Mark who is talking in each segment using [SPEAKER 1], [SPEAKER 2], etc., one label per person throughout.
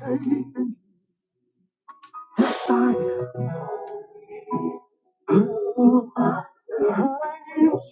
[SPEAKER 1] Cover me, Lord.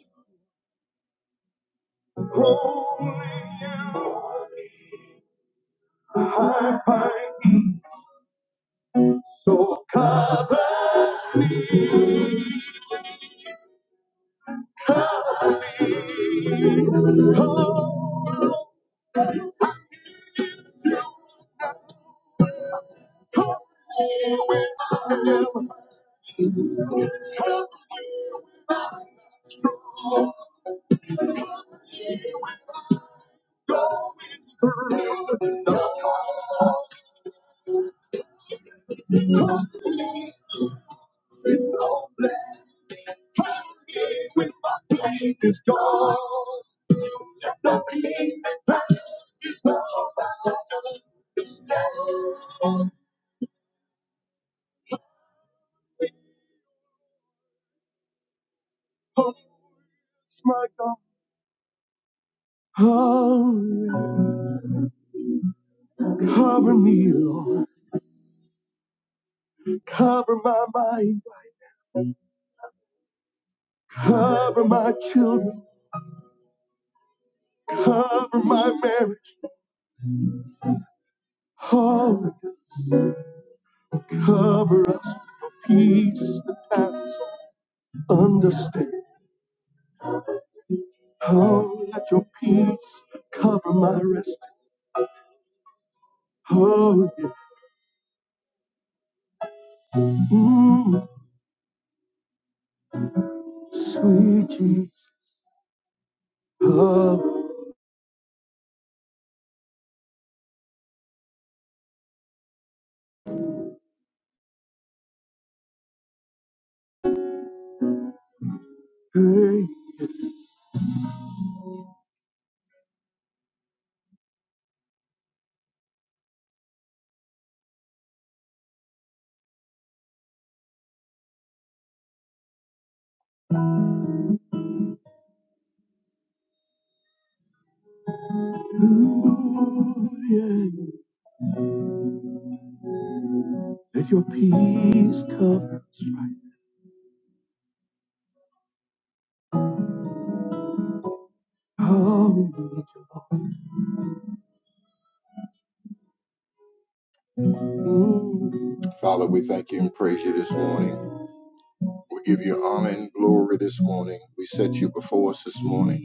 [SPEAKER 1] cover my mind, cover my children, cover my marriage. Oh, cover us with your peace that passes all understanding. Oh, let your peace cover my rest. Oh, yeah. Mm. Sweet Jesus, how great you are. Let your peace cover us right now. We need you, Lord. Father, we thank you and praise you this morning. We give you honor and glory this morning. We set you before us this morning.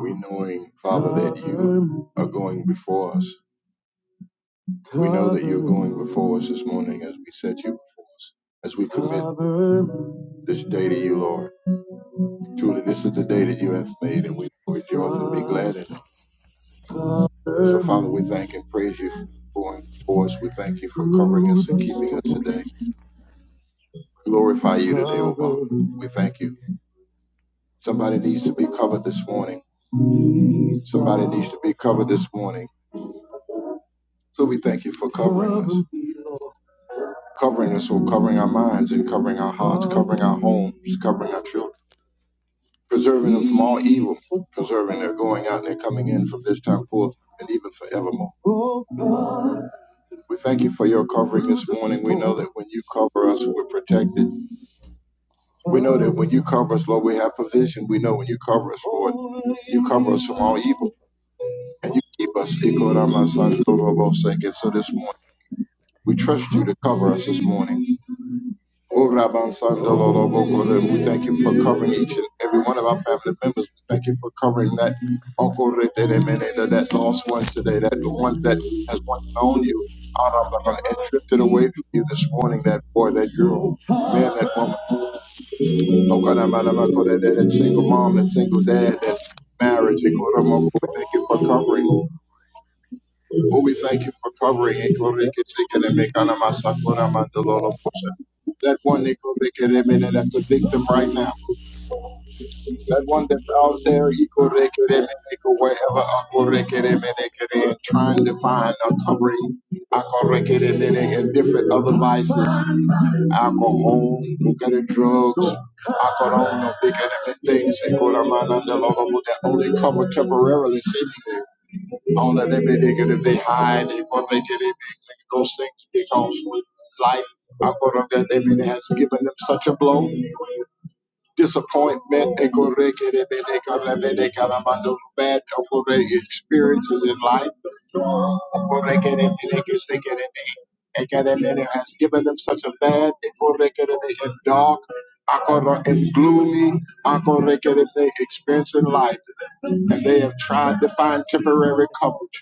[SPEAKER 1] We knowing, Father, that you are going before us. We know that you're going before us this morning as we set you before us, as we commit this day to you, Lord. Truly, this is the day that you have made, and we rejoice and be glad in it. So, Father, we thank and praise you for going for us. We thank you for covering us and keeping us today. glorify you today, O Father. We thank you. Somebody needs to be covered this morning. Somebody needs to be covered this morning. So we thank you for covering us. Covering us, or covering our minds and covering our hearts, covering our homes, covering our children. preserving them from all evil, preserving their going out and their coming in from this time forth and even forevermore. We thank you for your covering this morning. We know that when you cover us, we're protected. We know that when you cover us, Lord, we have provision. We know when you cover us, Lord, you cover us from all evil and you keep us. So this morning, we trust you to cover us this morning. Oh, Rabban Sandalo Lobo We thank you for covering each and every one of our family members. We thank you for covering that Uncle Rete de Meneda, that lost one today, that one that has once known you. Ah, Rabban, And drifted away from you this morning, that boy, that girl, man, that woman. Oh, God, I'm out of my God, that that single mom, that single dad, that marriage. Oh, God, we Thank you for covering. Oh, we thank you for covering it. That one, Ekorekeleme, that's a victim right now. That one that's out there, wherever, and trying to find a covering, and different other vices, alcohol, Ekere, drugs, Akoron, Ekere, things, that only cover temporarily, seemingly. Don't let them be negative, they hide, they put they get it, those things because life I go they mean, has given them such a blow. Disappointment and they get they got they got them bad I experiences in life. I they get they get they get it, they get has given them such a bad they they get and dark. I and gloomy. I go they experience in life and they have tried to find temporary coverage.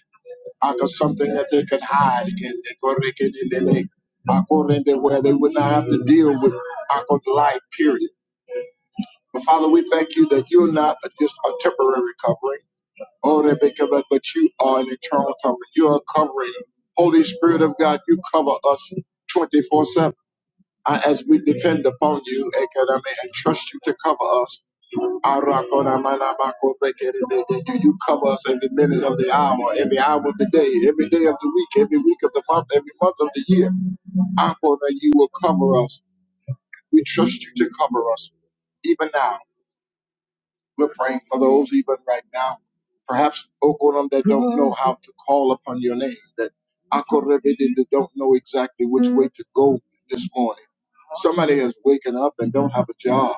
[SPEAKER 1] I got something that they could hide in. They go they get in there, they- I go in there where they would not have to deal with I go the life, period. But Father, we thank you that you're not a, just a temporary covering, oh, that they cover, but you are an eternal covering. You are covering. Holy Spirit of God, you cover us 24 7. As we depend upon you, and God, I may and trust you to cover us. Arakona manamako rekerebe. do you cover us every minute of the hour, every hour of the day, every day of the week, every week of the month, every month of the year. Akona, you will cover us. We trust you to cover us. Even now, we're praying for those even right now. Perhaps Okonam that don't know how to call upon your name, that Akorebe that don't know exactly which way to go this morning. Somebody has waken up and don't have a job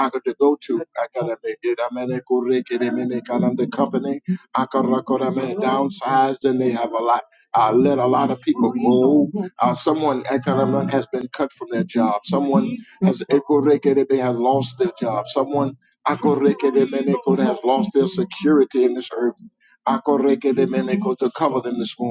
[SPEAKER 1] Aka to go to Akara me Iramene Kureke Remene Kalam the company Akarakora me downsized and they have a lot I let a lot of people go. Uh, someone Akaraman has been cut from their job. Someone has Ekoreke Rebe has lost their job. Someone Akoreke Remene Koda has lost their security in this earth. Akoreke Remene Koda to cover them this morning.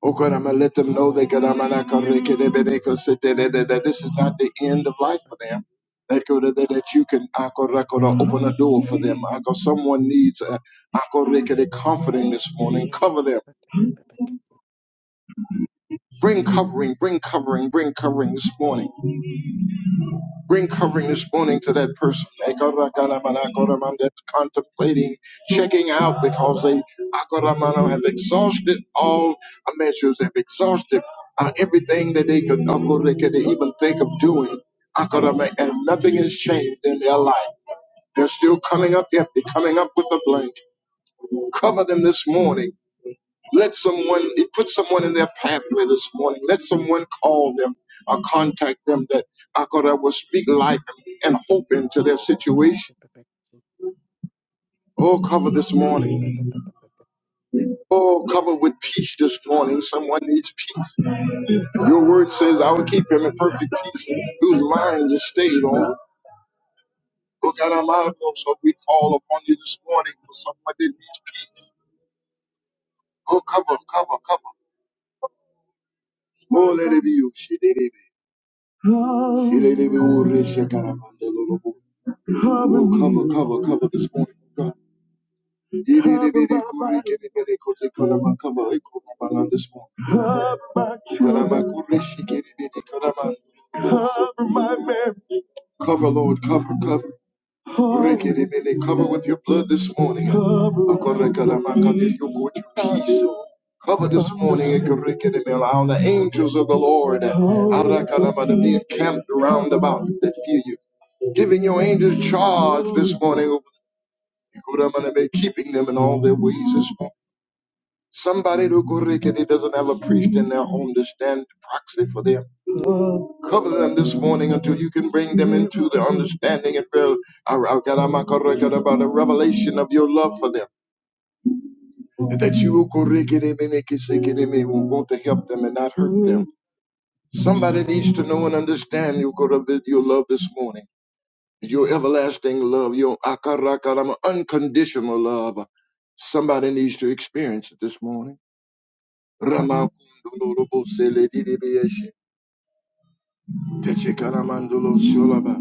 [SPEAKER 1] Oh God, I'm gonna let them know that God, I'm gonna come to get them, and they can sit there, that that- that this is not the end of life for them. That God, that, that you can I God, I God, open a door for them. I God, someone needs a I God, they can- comforting this morning. Cover them. Bring covering, bring covering, bring covering this morning. Bring covering this morning to that person that's contemplating checking out because they have exhausted all measures, have exhausted uh, everything that they could, they could even think of doing. And nothing has changed in their life. They're still coming up empty, coming up with a blank. Cover them this morning let someone it put someone in their pathway this morning. Let someone call them or contact them that I God I will speak life and hope into their situation. Oh, cover this morning. Oh, cover with peace this morning. Someone needs peace. Your word says, I will keep him in perfect peace whose mind is stayed on. Oh God, I'm out of so we call upon you this morning for someone that needs peace. Oh, cover, cover, cover. Oh, let it be you. Shirelebe ore shakaramanda lolobo. Oh, cover, cover, cover this morning, oh God. Irelebele kore kelebele kote kalama kama ekora bala this morning. Kalama kore shikelebele kalama. Cover, Lord, cover, cover. Rekedebele, Cover with your blood this morning. Akorekadabakade, You go with your peace. Cover this morning. Akorekedebe, Allow the angels of the Lord arakadaba, to be encamped round about that fear you. Giving your angels charge this morning. Ikoramanebe, Keeping them in all their ways this morning. Somebody who that doesn't have a priest in their home to stand proxy for them. Cover them this morning until you can bring them into the understanding and real, I- I got- about the revelation of your love for them. And that you will correct it, amen, it can seek it, will want to help them and not hurt them. Somebody needs to know and understand your, correct- that your love this morning, your everlasting love, your akaraka, I'm unconditional love. Somebody needs to experience it this morning. Ramakundululubu seledidibiyeshi. Techekaramandulo sholaba.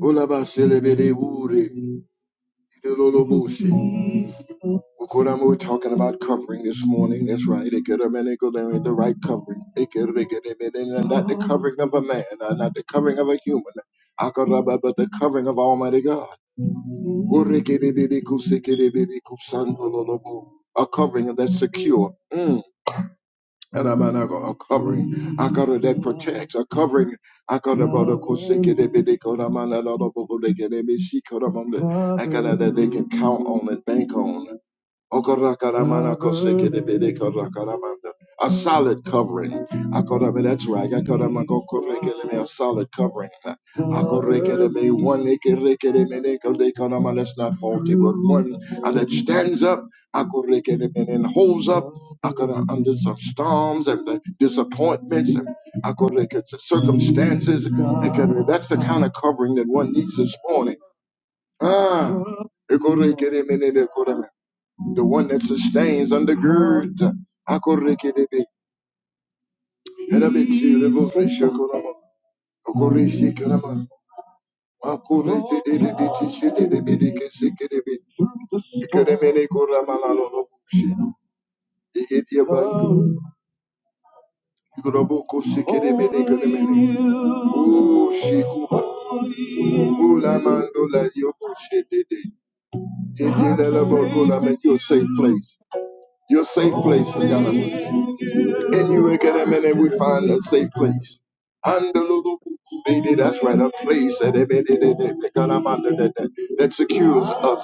[SPEAKER 1] Ulaba selebede wuri. Idululubushi. Ukuramu, We're talking about covering this morning. That's right. They They get a man. they go there Ikeremenekulemene, The right covering. They get They get. get. Ikerekeremenene, Not the covering of a man, uh, not the covering of a human, Akaraba, but the covering of Almighty God. Urekerebedekusekerebedekusanbololobo. A covering that's secure. Mm. And I'm not gonna- a covering. I got it that protects. A covering. I got about a koseke de bede koda mana la la bo- bo- de- ke- de- be- she koda manda. I got it that they can count on and bank on. Okorakaramanakosegedebedekorokaramanda. A solid covering. Akorame, That's right. Akoramagokorekeleme, A solid covering. Akorekeleme, One ekerekeremenekodekorama, that's not faulty, but one uh, that stands up akorekeleme, and holds up akora, under some storms and the disappointments and akoreke- circumstances. Akorame, That's the kind of covering that one needs this morning. Ah. akorekele me ne de korame the one that sustains, undergirds. Akorekedebe, edabechi, lebo fresha kolama, akoreshi kalama, akorekedebe, tishedebe, dekesekedebe, ikedemene korama lalo lobushi, ikediabandu, ikoraboko sekedebe, dekedemene. Oh, shikuba, ulamando la yoko shedede, idielelebo kolama, Your safe place, your safe place, Lord God. In you, Ekedemene, we find a safe place. Handalulukukudede, That's right, a place that ekedede, ekalamandelede, that secures us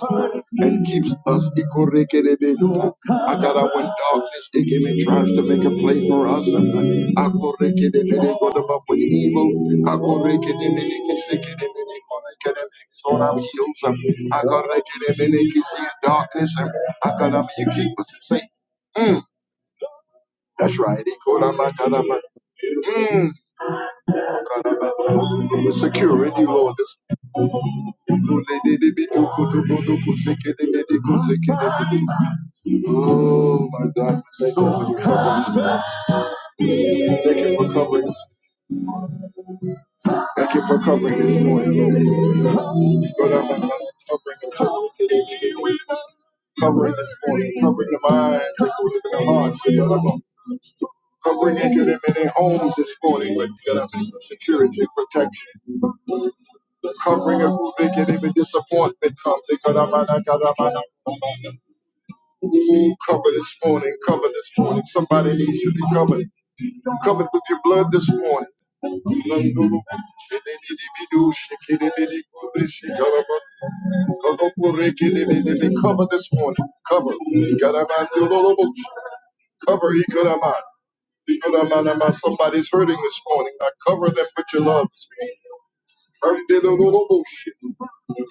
[SPEAKER 1] and keeps us. Ikorekedebeta. Akara, When darkness and tries to make a play for us, akorekedemene, godaba, when evil akorekedemene, kisekedemene, korekedemene, is on our heels, akorekedemene, kisi, darkness, akara, you keep us safe. Mm. That's right. Ikolabakalaba. Mm. Kalaba. Lord. Oh my God, thank you for your Thank you for covering. Thank you for covering this morning, Lord. Covering this morning, covering the minds, covering the hearts, covering in their homes this morning with Ikolaba. security, and protection. Come bring a good day, get even disappointment. comes. they got a man, I got a man. Ooh, cover this morning, cover this morning. Somebody needs you to be covered. Covered with your blood this morning. Nandulu, shidididibidu, shikidibidibu, shikaraba. Kokopurekidibidi, Cover this morning. Cover. Ikarabandulolobo. Cover. Ikarama. Ikaramanama. Somebody's hurting this morning. I cover them with your love. this Undiddle-diddle-bullshit.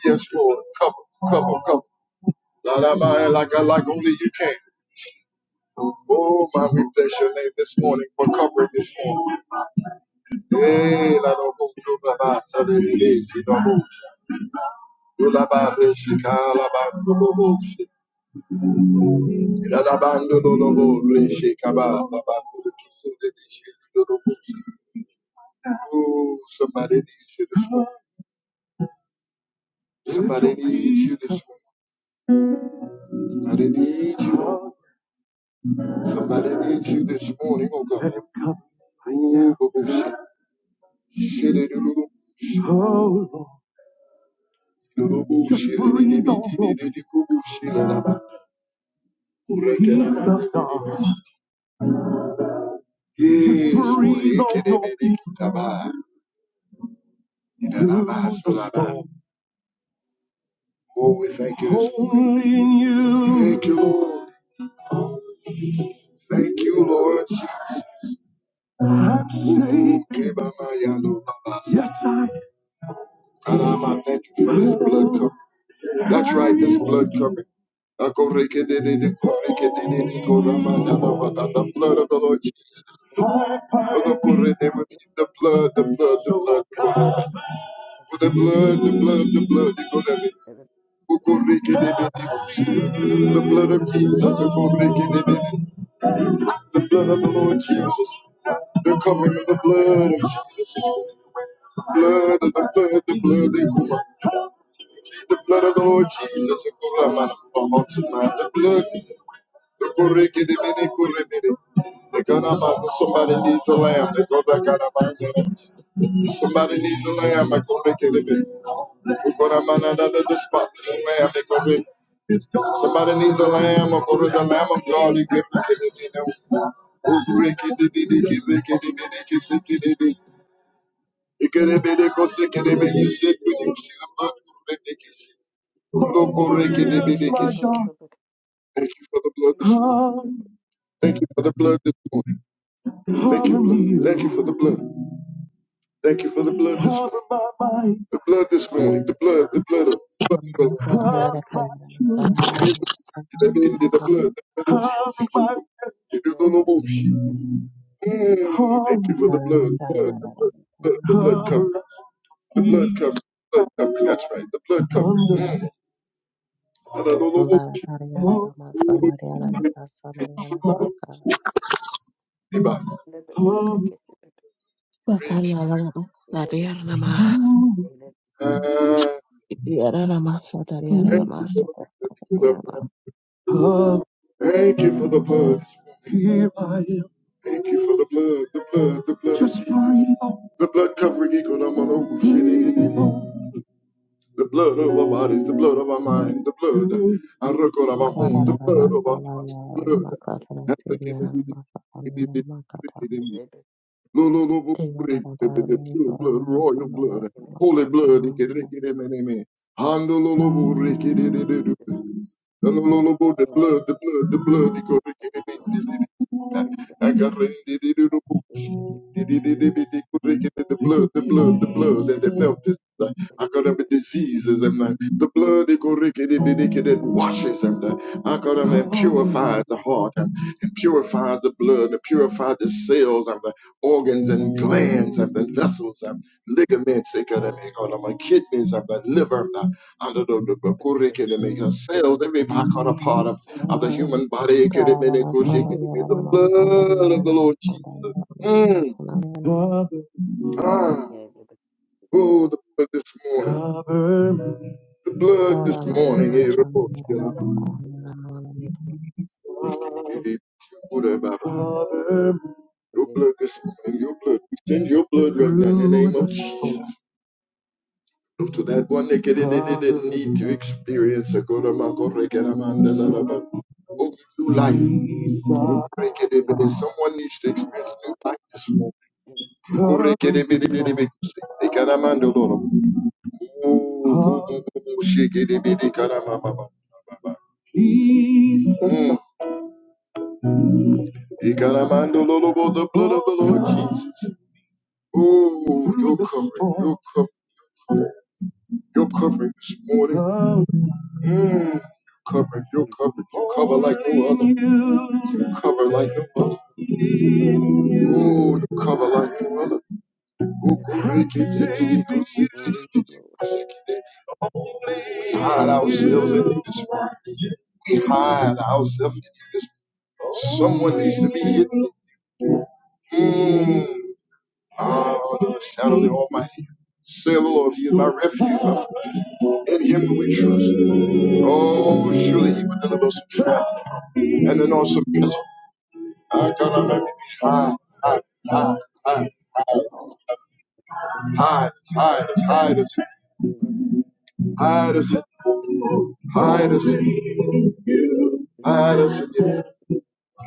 [SPEAKER 1] Yes, Lord. Cover, cover, cover. Not out my like I like only you can. Oh my, we bless your name this morning for covering this morning. Hey, la do bo do la ba sa de de de si do bo sha. Do la ba re shi ka la ba do do bo shi. La da ba do do do bo re shi ka ba la ba do do do de de shi do do bo shi. Oh, somebody needs you this morning. Somebody needs you this morning. Somebody needs you. Somebody needs you this morning, oh God. Let him come. Ooh, babushi. Shidididulu. Oh Lord. Lulubu. Just breathe on them. Shididididikubushi lalaba. Peace of God. Yes, Just breathe on them. Rekidibidikitaba. Idalaba solaba. Oh, we thank you this morning. Only in you. Thank you, Lord. Thank you, Lord. I'm safe. Okay, Mama, yeah, I know, Baba. Yes, I Alama, thank you for this blood coverage. That's right, this blood covenant. The blood of the Lord Jesus. The blood, the blood, the blood. The blood, the blood, the blood. The blood of Jesus. The blood of the Lord Jesus. The covering of the blood of Jesus. Blood of the blood, the blood, the blood. The blood of the Lord Jesus. The blood, The Ganama, somebody needs a lamb. They go back out of my Somebody needs a lamb. They go back in the go to man another the spot. Lamb. They go back. Somebody needs a lamb. Or go to the lamb of God. You get back in the cosic and when you sick when you see the blood. of the Ricky. Thank you for the blood. Thank you for the blood this morning. Thank you, Thank you for the blood. Thank you for the blood this morning. The blood this morning. The
[SPEAKER 2] Thank
[SPEAKER 1] blood. The blood of the
[SPEAKER 3] Bakanya
[SPEAKER 1] blood. of- the blood. The blood of Jesus. know, no, no, no, Mm, Thank you for the blood. Blood. The blood. blood, The blood cover. The blood cover. Blood cover. That's right. The blood cover. Mm. And I don't know what she- anybody. Praise you. Ah, Thank you for the blood. Thank you for the blood. Here I am. Thank you for the blood, the blood, the blood. Just of Jesus. breathe on. The blood covering equal on. The blood of our bodies, the blood of our minds, the blood. I record of our home, the blood of our hearts, the blood. Lo- lo- lo- lo- break The the- the pure blood, royal blood, holy blood. Ike- reke- re- me- ne- me. Hando- lo- lo- lo- reke- de- de- de- de- Lo- lo- lo- lo- lo- The blood, the blood, the blood. Ike- reke- re- me. de- de- de- de.
[SPEAKER 2] you.
[SPEAKER 1] The blood, the blood, the blood, and that melted. I got up with diseases and uh, the blood that washes and uh, I got up and purifies the heart and, purifies the blood and purifies the cells and the organs and glands and the vessels and ligaments. I got up and my kidneys and the liver and under the the- the cells, every part, of, the human body.
[SPEAKER 3] Kora mama mama
[SPEAKER 1] The blood of the Lord Jesus. Mm. Cover, me. Ah, oh, the blood this morning. cover me. The blood this morning. eh,
[SPEAKER 3] shana mama mama
[SPEAKER 1] Rabosia.
[SPEAKER 3] mama mama mama
[SPEAKER 1] Lord, whatever. Cover me Your blood this morning, your blood. We send your blood right now in the name of Jesus. Look to that one that didn't, didn't didn't need to experience a good amount of regret, amanda, la, la, la. Go life. Go Jesus. Someone needs to experience new life this morning. Go break Cover it, me, baby, Shikidibidikaramamama. Mm. Ikaramandololobo, The blood of the Lord Jesus. Oh, your covering, your covering, your covering this morning. Mm. Your covering, your covering, you cover like no other. You cover like no other. Oh, you cover like no other.
[SPEAKER 2] Holy Lord,
[SPEAKER 1] Oh, Hide ourselves in this word. We Hide ourselves in this word. Someone needs to be hidden. Mm. Ah, under the shadow of the Almighty. Say, Lord, He is my refuge. In Him do we trust. Oh, surely He will deliver us from trouble and an awesome prison. I gotta make me hide, hide, hide, hide, hide us, hide us,
[SPEAKER 2] yes,
[SPEAKER 1] hide us, hide us, hide us, hide us, hide us,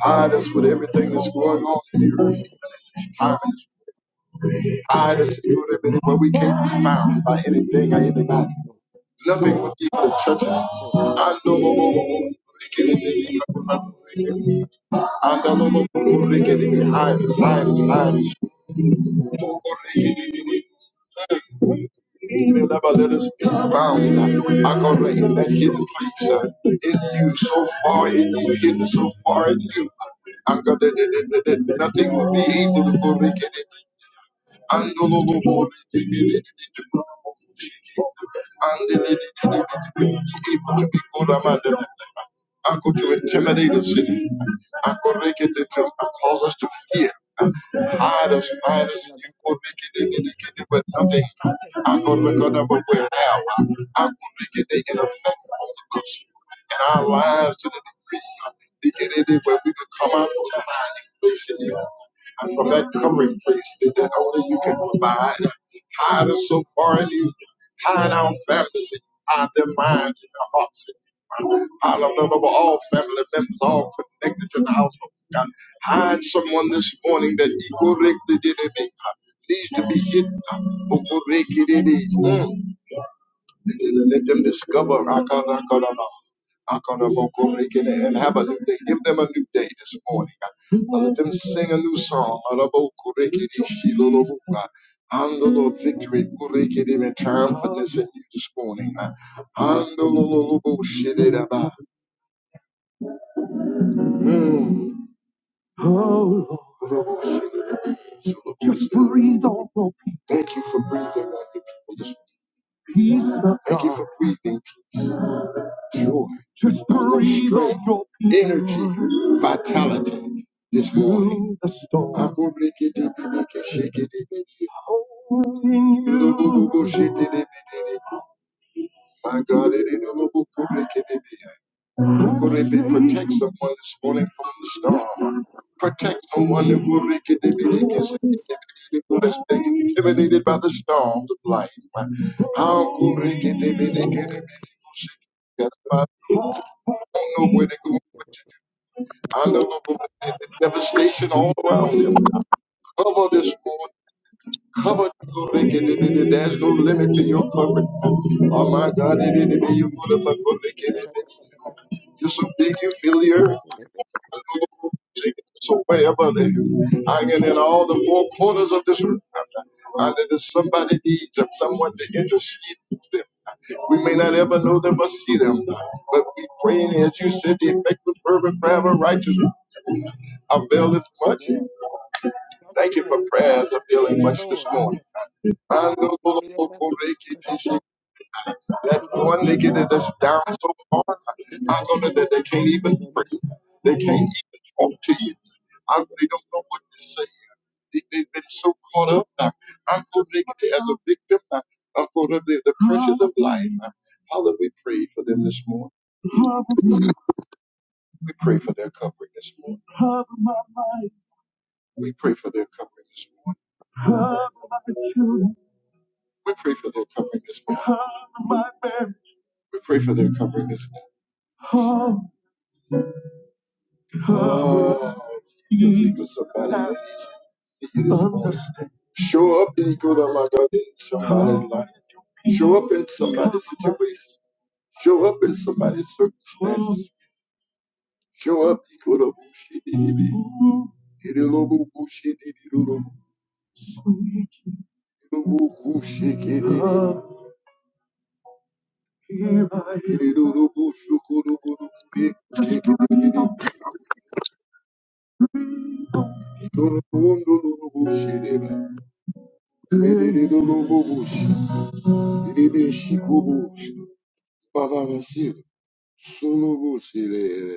[SPEAKER 1] Hide us with everything that's going on in the earth. Tied us, tied us with everything, but we can't be found by anything or anybody.
[SPEAKER 2] Lord,
[SPEAKER 1] Nothing will be able to touch us.
[SPEAKER 2] oh,
[SPEAKER 1] I know, no, no,
[SPEAKER 2] yes,
[SPEAKER 1] no,
[SPEAKER 2] Lord, yes, Lord,
[SPEAKER 1] no. I know, no, no, no, no. Hide us, hide us, hide us. Oh, oh, Will never let us be bound. I got to in that hidden place. uh, In you, so far in you, hidden so far in you. I'm gonna nothing will be able to break I go to intimidate the city. I go make it to come. I cause us to fear. Hide us, hide us. You go make it, make it, make it, but nothing. I go record them up where now. I go make it, make it affect all of us and our lives to the degree. They get it where we could come out from the hiding places. And from that covering place that, only you can provide, hide us so far in you, hide our families, hide their minds and their hearts. And hallelujah, over all family members, all connected to the household. God, hide someone this morning that correctly did it needs to be hidden. Mm. Let them discover Rakarakarama, Akarabokorekele, and have a new day. Give them a new day this morning. Uh, Let them sing a new song. Arabokorekele, Shilolobuka. Andolo victory kurekele, and triumphantness in you this morning. Uh, Andololobo, Shilelaba. Mm. Oh Lord, just breathe on your people. Thank you for breathing on your people this morning. Peace of God. Thank you for breathing Lord, just breathe on your energy, vitality this morning. The storm. I'm gonna break it down, make it shake it, it, it, it. you. shake it, it, it, My God, it is a little boo, boo, break it, it, it. I'm gonna be- protect someone this morning from the storm. Protect someone that will break it, it, it, it, it, it, it, intimidated by the storms of life. I'm gonna break it, it, it, I don't know where they go, going. Hallelujah. There's Devastation all around them. Cover this morning. Cover the There's no limit to your covering. Oh my God, you are so big you fill the earth.
[SPEAKER 2] yes,
[SPEAKER 1] So wherever they hanging in all the four corners of this earth. And that is somebody needs and someone to intercede for them. We may not ever know them or see them, but we praying as you said the effective fervent prayer of a righteous availeth much.
[SPEAKER 2] Lord, yes,
[SPEAKER 1] Thank you for
[SPEAKER 2] Lord,
[SPEAKER 1] prayers of
[SPEAKER 2] Yes,
[SPEAKER 1] healing much this
[SPEAKER 2] Lord.
[SPEAKER 1] morning.
[SPEAKER 2] Yes.
[SPEAKER 1] I know
[SPEAKER 2] Iliadabakos,
[SPEAKER 1] That one
[SPEAKER 2] Iliadabakos,
[SPEAKER 1] nigga that is down so far, I
[SPEAKER 2] Ilibibis,
[SPEAKER 1] know that they can't even pray.
[SPEAKER 2] Ilibibis,
[SPEAKER 1] They can't even talk to you. I they don't know what to say. They, they've been so caught up. uh, I know they as a victim. uh, I'm caught up in the pressures of life. Uh, Father, we pray for them this morning. We pray for their covering this morning. We pray for their covering this morning. We pray for their covering this morning. We pray for their covering this morning. Oh, oh you go somebody that needs to hear this morning. Show up and go to my God in somebody's life. Show up in somebody's situation. Show up in somebody's circumstances. Show up. you go to bullshit, it be. It is a little bullshit, it is a little bullshit, it is. Here I am. Just breathe on,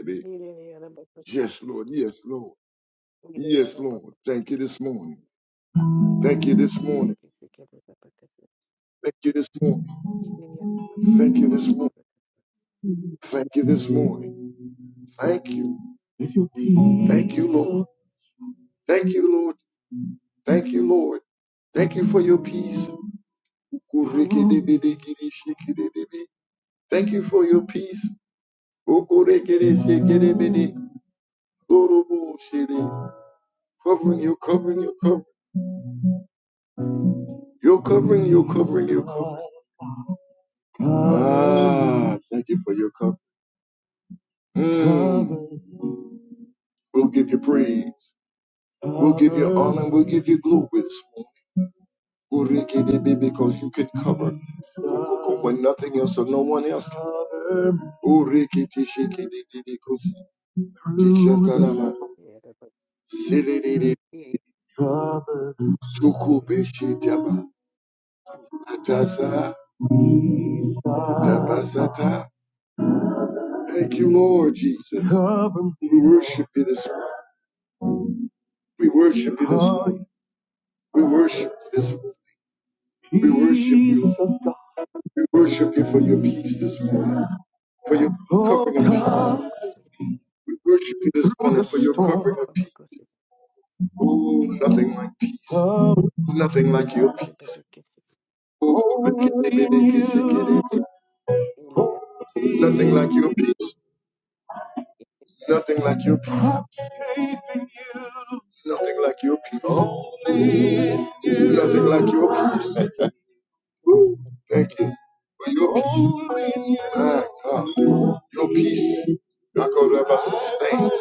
[SPEAKER 1] breathe on.
[SPEAKER 2] Iliadabakos,
[SPEAKER 1] Yes, Lord. Yes, Lord. Yes, Lord.
[SPEAKER 2] Iliadabakos,
[SPEAKER 1] Thank you this morning. Thank you this morning.
[SPEAKER 2] Iliadabakos,
[SPEAKER 1] Thank you this morning.
[SPEAKER 2] Iliadabakos, Iliadabakos,
[SPEAKER 1] Thank you this morning.
[SPEAKER 2] Iliadabakos,
[SPEAKER 1] Thank you this morning. Thank you. If you Thank you, Lord. people Thank you, Lord Thank you, Lord. Thank you for your peace. Kurikidibidikidikidibi. Thank you for your peace. Okorekidishikidibidi. Loroboshidi. Covering you, covering you, covering. You're covering, you're covering, you're covering. Ah, thank you for your covering. Mm. We'll give you praise. We'll give you honor. We'll give you glory. this Urikidebe, Because you could cover Ukoko when nothing else or no one else can. Urikitishikidididikusi, tishakarama,
[SPEAKER 2] Iliadabakos,
[SPEAKER 1] sidididi,
[SPEAKER 2] Iliadabakos.
[SPEAKER 1] sukubishitaba, atasa, tabasata. Thank you, Lord Jesus. We worship you this morning. We worship you this morning. We worship you this morning. We worship you. We worship you for your peace this morning. For your covering of peace. We worship you this
[SPEAKER 2] Yes,
[SPEAKER 1] morning for
[SPEAKER 2] Lord.
[SPEAKER 1] your covering of
[SPEAKER 2] Iliadabakos,
[SPEAKER 1] people. Nothing like
[SPEAKER 2] Iliadabakos,
[SPEAKER 1] peace. Nothing like your people.
[SPEAKER 2] Ilibibibibikis, Ilibibis,
[SPEAKER 1] Nothing like your peace. Nothing like your peace. Nothing like your peace. Nothing like your peace. Thank
[SPEAKER 2] Iliadabakos,
[SPEAKER 1] you for your peace. My God, your peace. I go to ever sustain.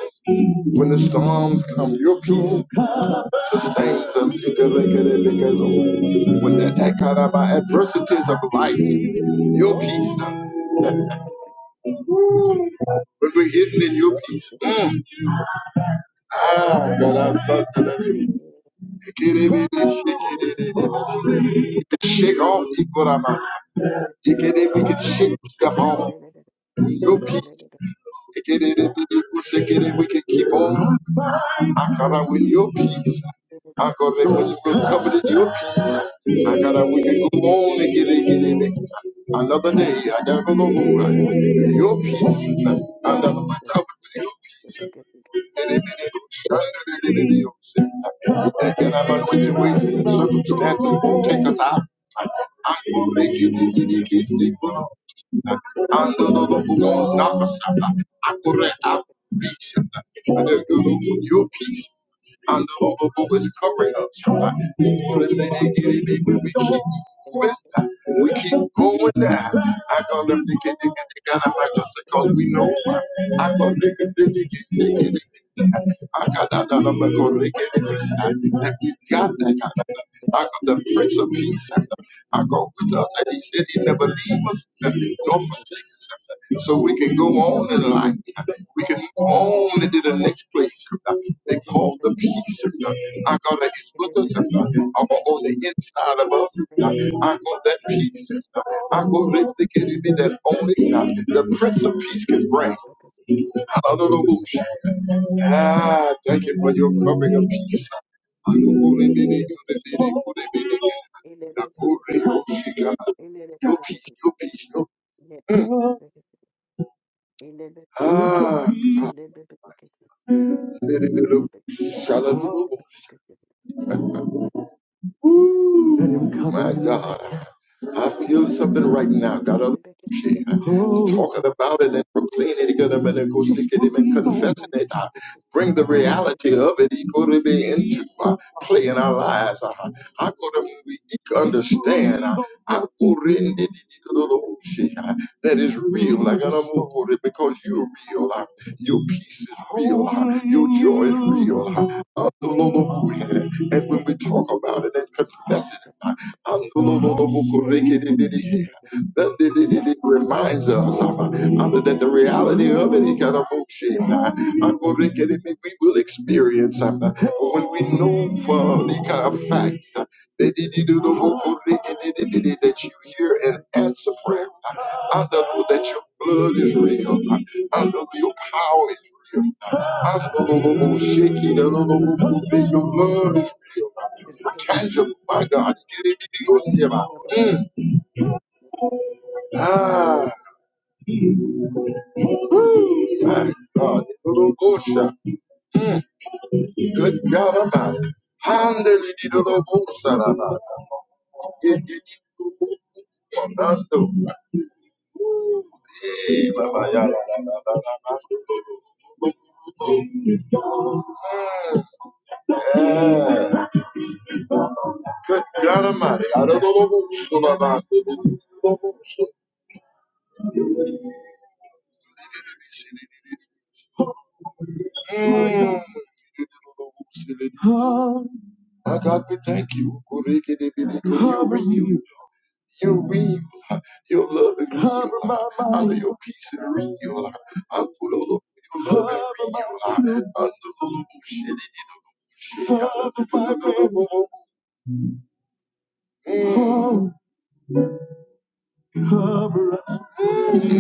[SPEAKER 1] When the storms come, your peace. sustains us when the ekaraba adversities of life. Your peace, though. When we're hidden in your peace.
[SPEAKER 2] Ilibibibibikis,
[SPEAKER 1] Mm. Ah, God, I'm so glad I did it. Ekerebe, shekere, de, de, de, de. Shake off Ikorama. Ekere, We can shake stuff off. Your peace. Ekere, de, de, de, de, We can keep on. I Akara with your peace. I go there with we your peace. I got that we can go on and get it, get it. Another day, I got to know your peace. And I'm covered Thinking about situations circumstances take us out. Akorekitikitikisikoro. Andololobogonakasaka. Akoreapisaka. Adegologo, Your peace and the Lord of hosts covering us. What is that it is that we keep going? We keep going now. I call them the kid, the I'm like, because we know I call them the kid, the I got the Prince of Peace. I go with us, and He said He never leave us nor forsake us. So we can go on in life. We can move on into the next place. They call the peace. I got that it's with us. I'm on the inside of us. I got that peace. I go let to get it in that only the Prince of Peace can bring. Hallelujah. Ah, thank you for your covering of peace. Your peace, your peace, your Mm.
[SPEAKER 2] Thank you. Ilera
[SPEAKER 1] Ah, ah, my God. I feel something right now. God, I'm talking about it and proclaiming it, God, I'm gonna go stick it and confessing it. I bring the reality of it he could be into uh, play in our lives. I, I could we could understand uh, I could in the- the- the little shit, uh, that is real. Like I don't know, God, because you're real. uh, Your peace is real. uh, Your joy is real. uh, uh, the Lord, uh, And when we talk about it and confess it. Andololobokorekedebede. Then it reminds us uh, uh, that the reality of it, it kind of moves in, uh, Angorekedebe, we will experience um, uh, when we know for the kind of fact uh, that you hear an answer prayer, uh, Andolo, that your blood is real, uh, Andolo, your power is real. Andololoboshekidololobokorekedebe, Your love is real. Tangible, my God. Get it in your sema. Mm. Ah, my God. Little Gosha. Good God, I'm out. Handle it, little Gosha, I'm out. Get it in your nando. Eh, mama, ya, la, la, la, la, la, la. Mm. Yeah. Good God, I'm out. I don't know who's going to Mm. Oh, my God, we thank you. You renew. You renew. your love and renewal. Under your peace and renewal. Under your love and renewal. Under the bullshit. Mm.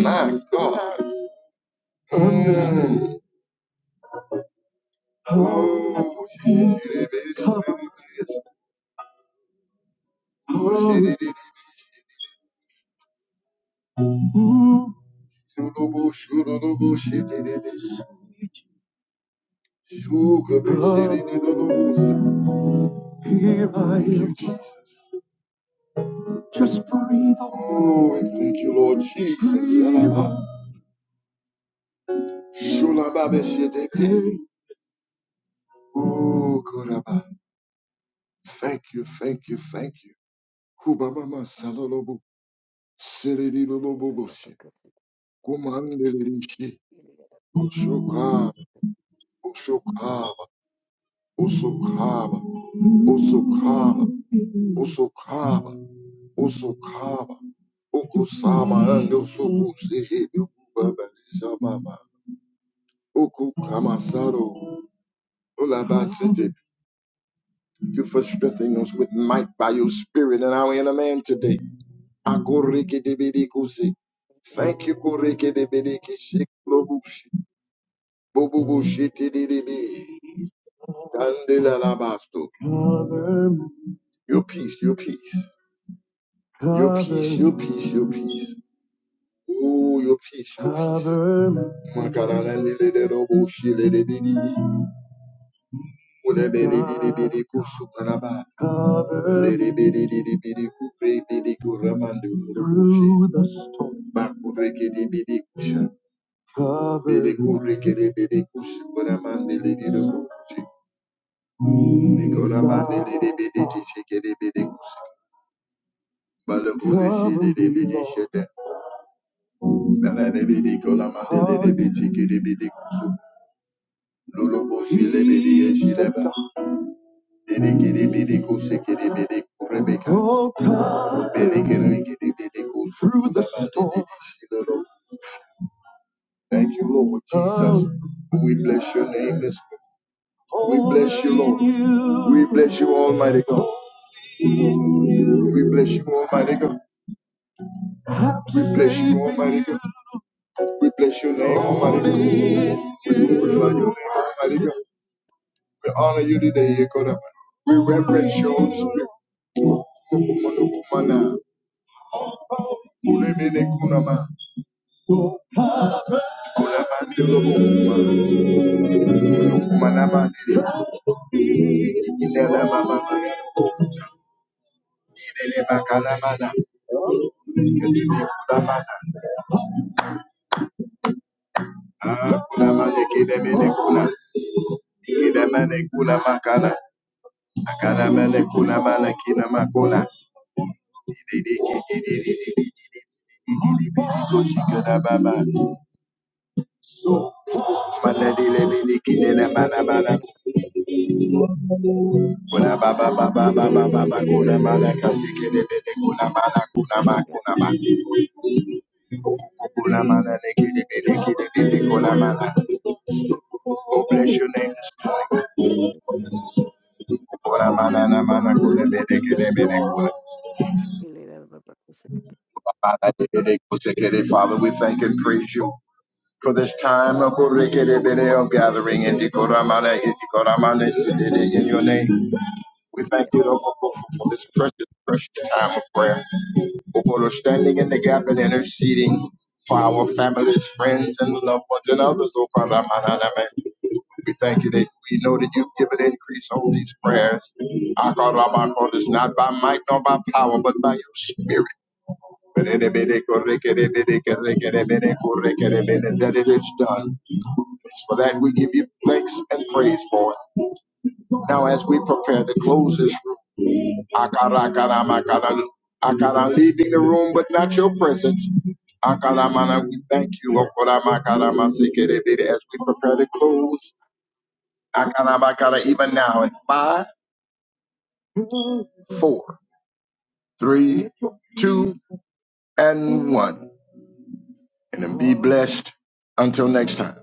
[SPEAKER 1] My God. Mm. Oh, shit. Here I am. Just breathe on. Oh, we thank you, Lord Jesus. Breathe Yalaba. on. Shulababe Hey. Oh, Kuraba. Thank you, thank you, thank you. Kubamama salolobo. Silidiloboboshe. Kumandelishi. Oshokaba. Oshokaba. Osokaba. Osokaba. Osokaba. Osokaba. Okosama and Osokuse. Ubama. Samama. Oku Kamasaro. Ulabashete. you for strengthening us with might by your spirit and our inner man today. Agorekedebedekusi. Thank you, Korekedebedekisi Klobushi. Bobubushi tidididi. Dandelalabasto. Your peace, your peace. Your peace, your peace, your peace. Oh, your peace, your peace. Makaraleleledoboshi Rebedebedebede kusukaraba. Rebedebedebede kurebede Oh, come through the storm. Thank you, Lord Jesus. We bless your name this morning. We bless you, Lord. We bless you, Almighty God. We bless you, Almighty God. We bless you, Almighty God. We bless your name, Almighty God. We glorify your name, Almighty God. We honor you today, Ekodama. We reverence your spirit. Ulemene kunama. Kulamande lobokuma. Ulokuma namande lelekilele mama. Ilele bakalamana. Kelele kulamana. Ah, kulamane kilemene kuna. Kilemene kuna makana. Akalamane kulamana kina makuna. Ileleke ikushikana baba. Maladi lelele kilele mana mana. Kuna baba baba baba baba kuna mana kasikele kuna mana kuna ma Okolamana nekedebede kedebede kolamana. Oh, bless your name. Okolamana namana kolebede kedebede
[SPEAKER 2] baba
[SPEAKER 1] kolamana debede kosekede. Father, we thank and praise you for this time of gathering in the Koramana, in the Koramana, in your name. We thank you, Lord, for for for this precious, precious time of prayer. For those standing in the gap and interceding for our families, friends, and loved ones and others, oh God, I'm an enemy. We thank you that we know that you've given increase on these prayers. Our God, our God, is not by might nor by power, but by your spirit. That it is done. It's for that we give you thanks and praise for it. Now, as we prepare to close this room, Akarakaramakaran- Akaran, leaving the room, but not your presence. Akaramana, we thank you. Okoramakaramasikerebere, As we prepare to close, Akaramakara, even now, in five, four, three, two, and one. And then be blessed until next time.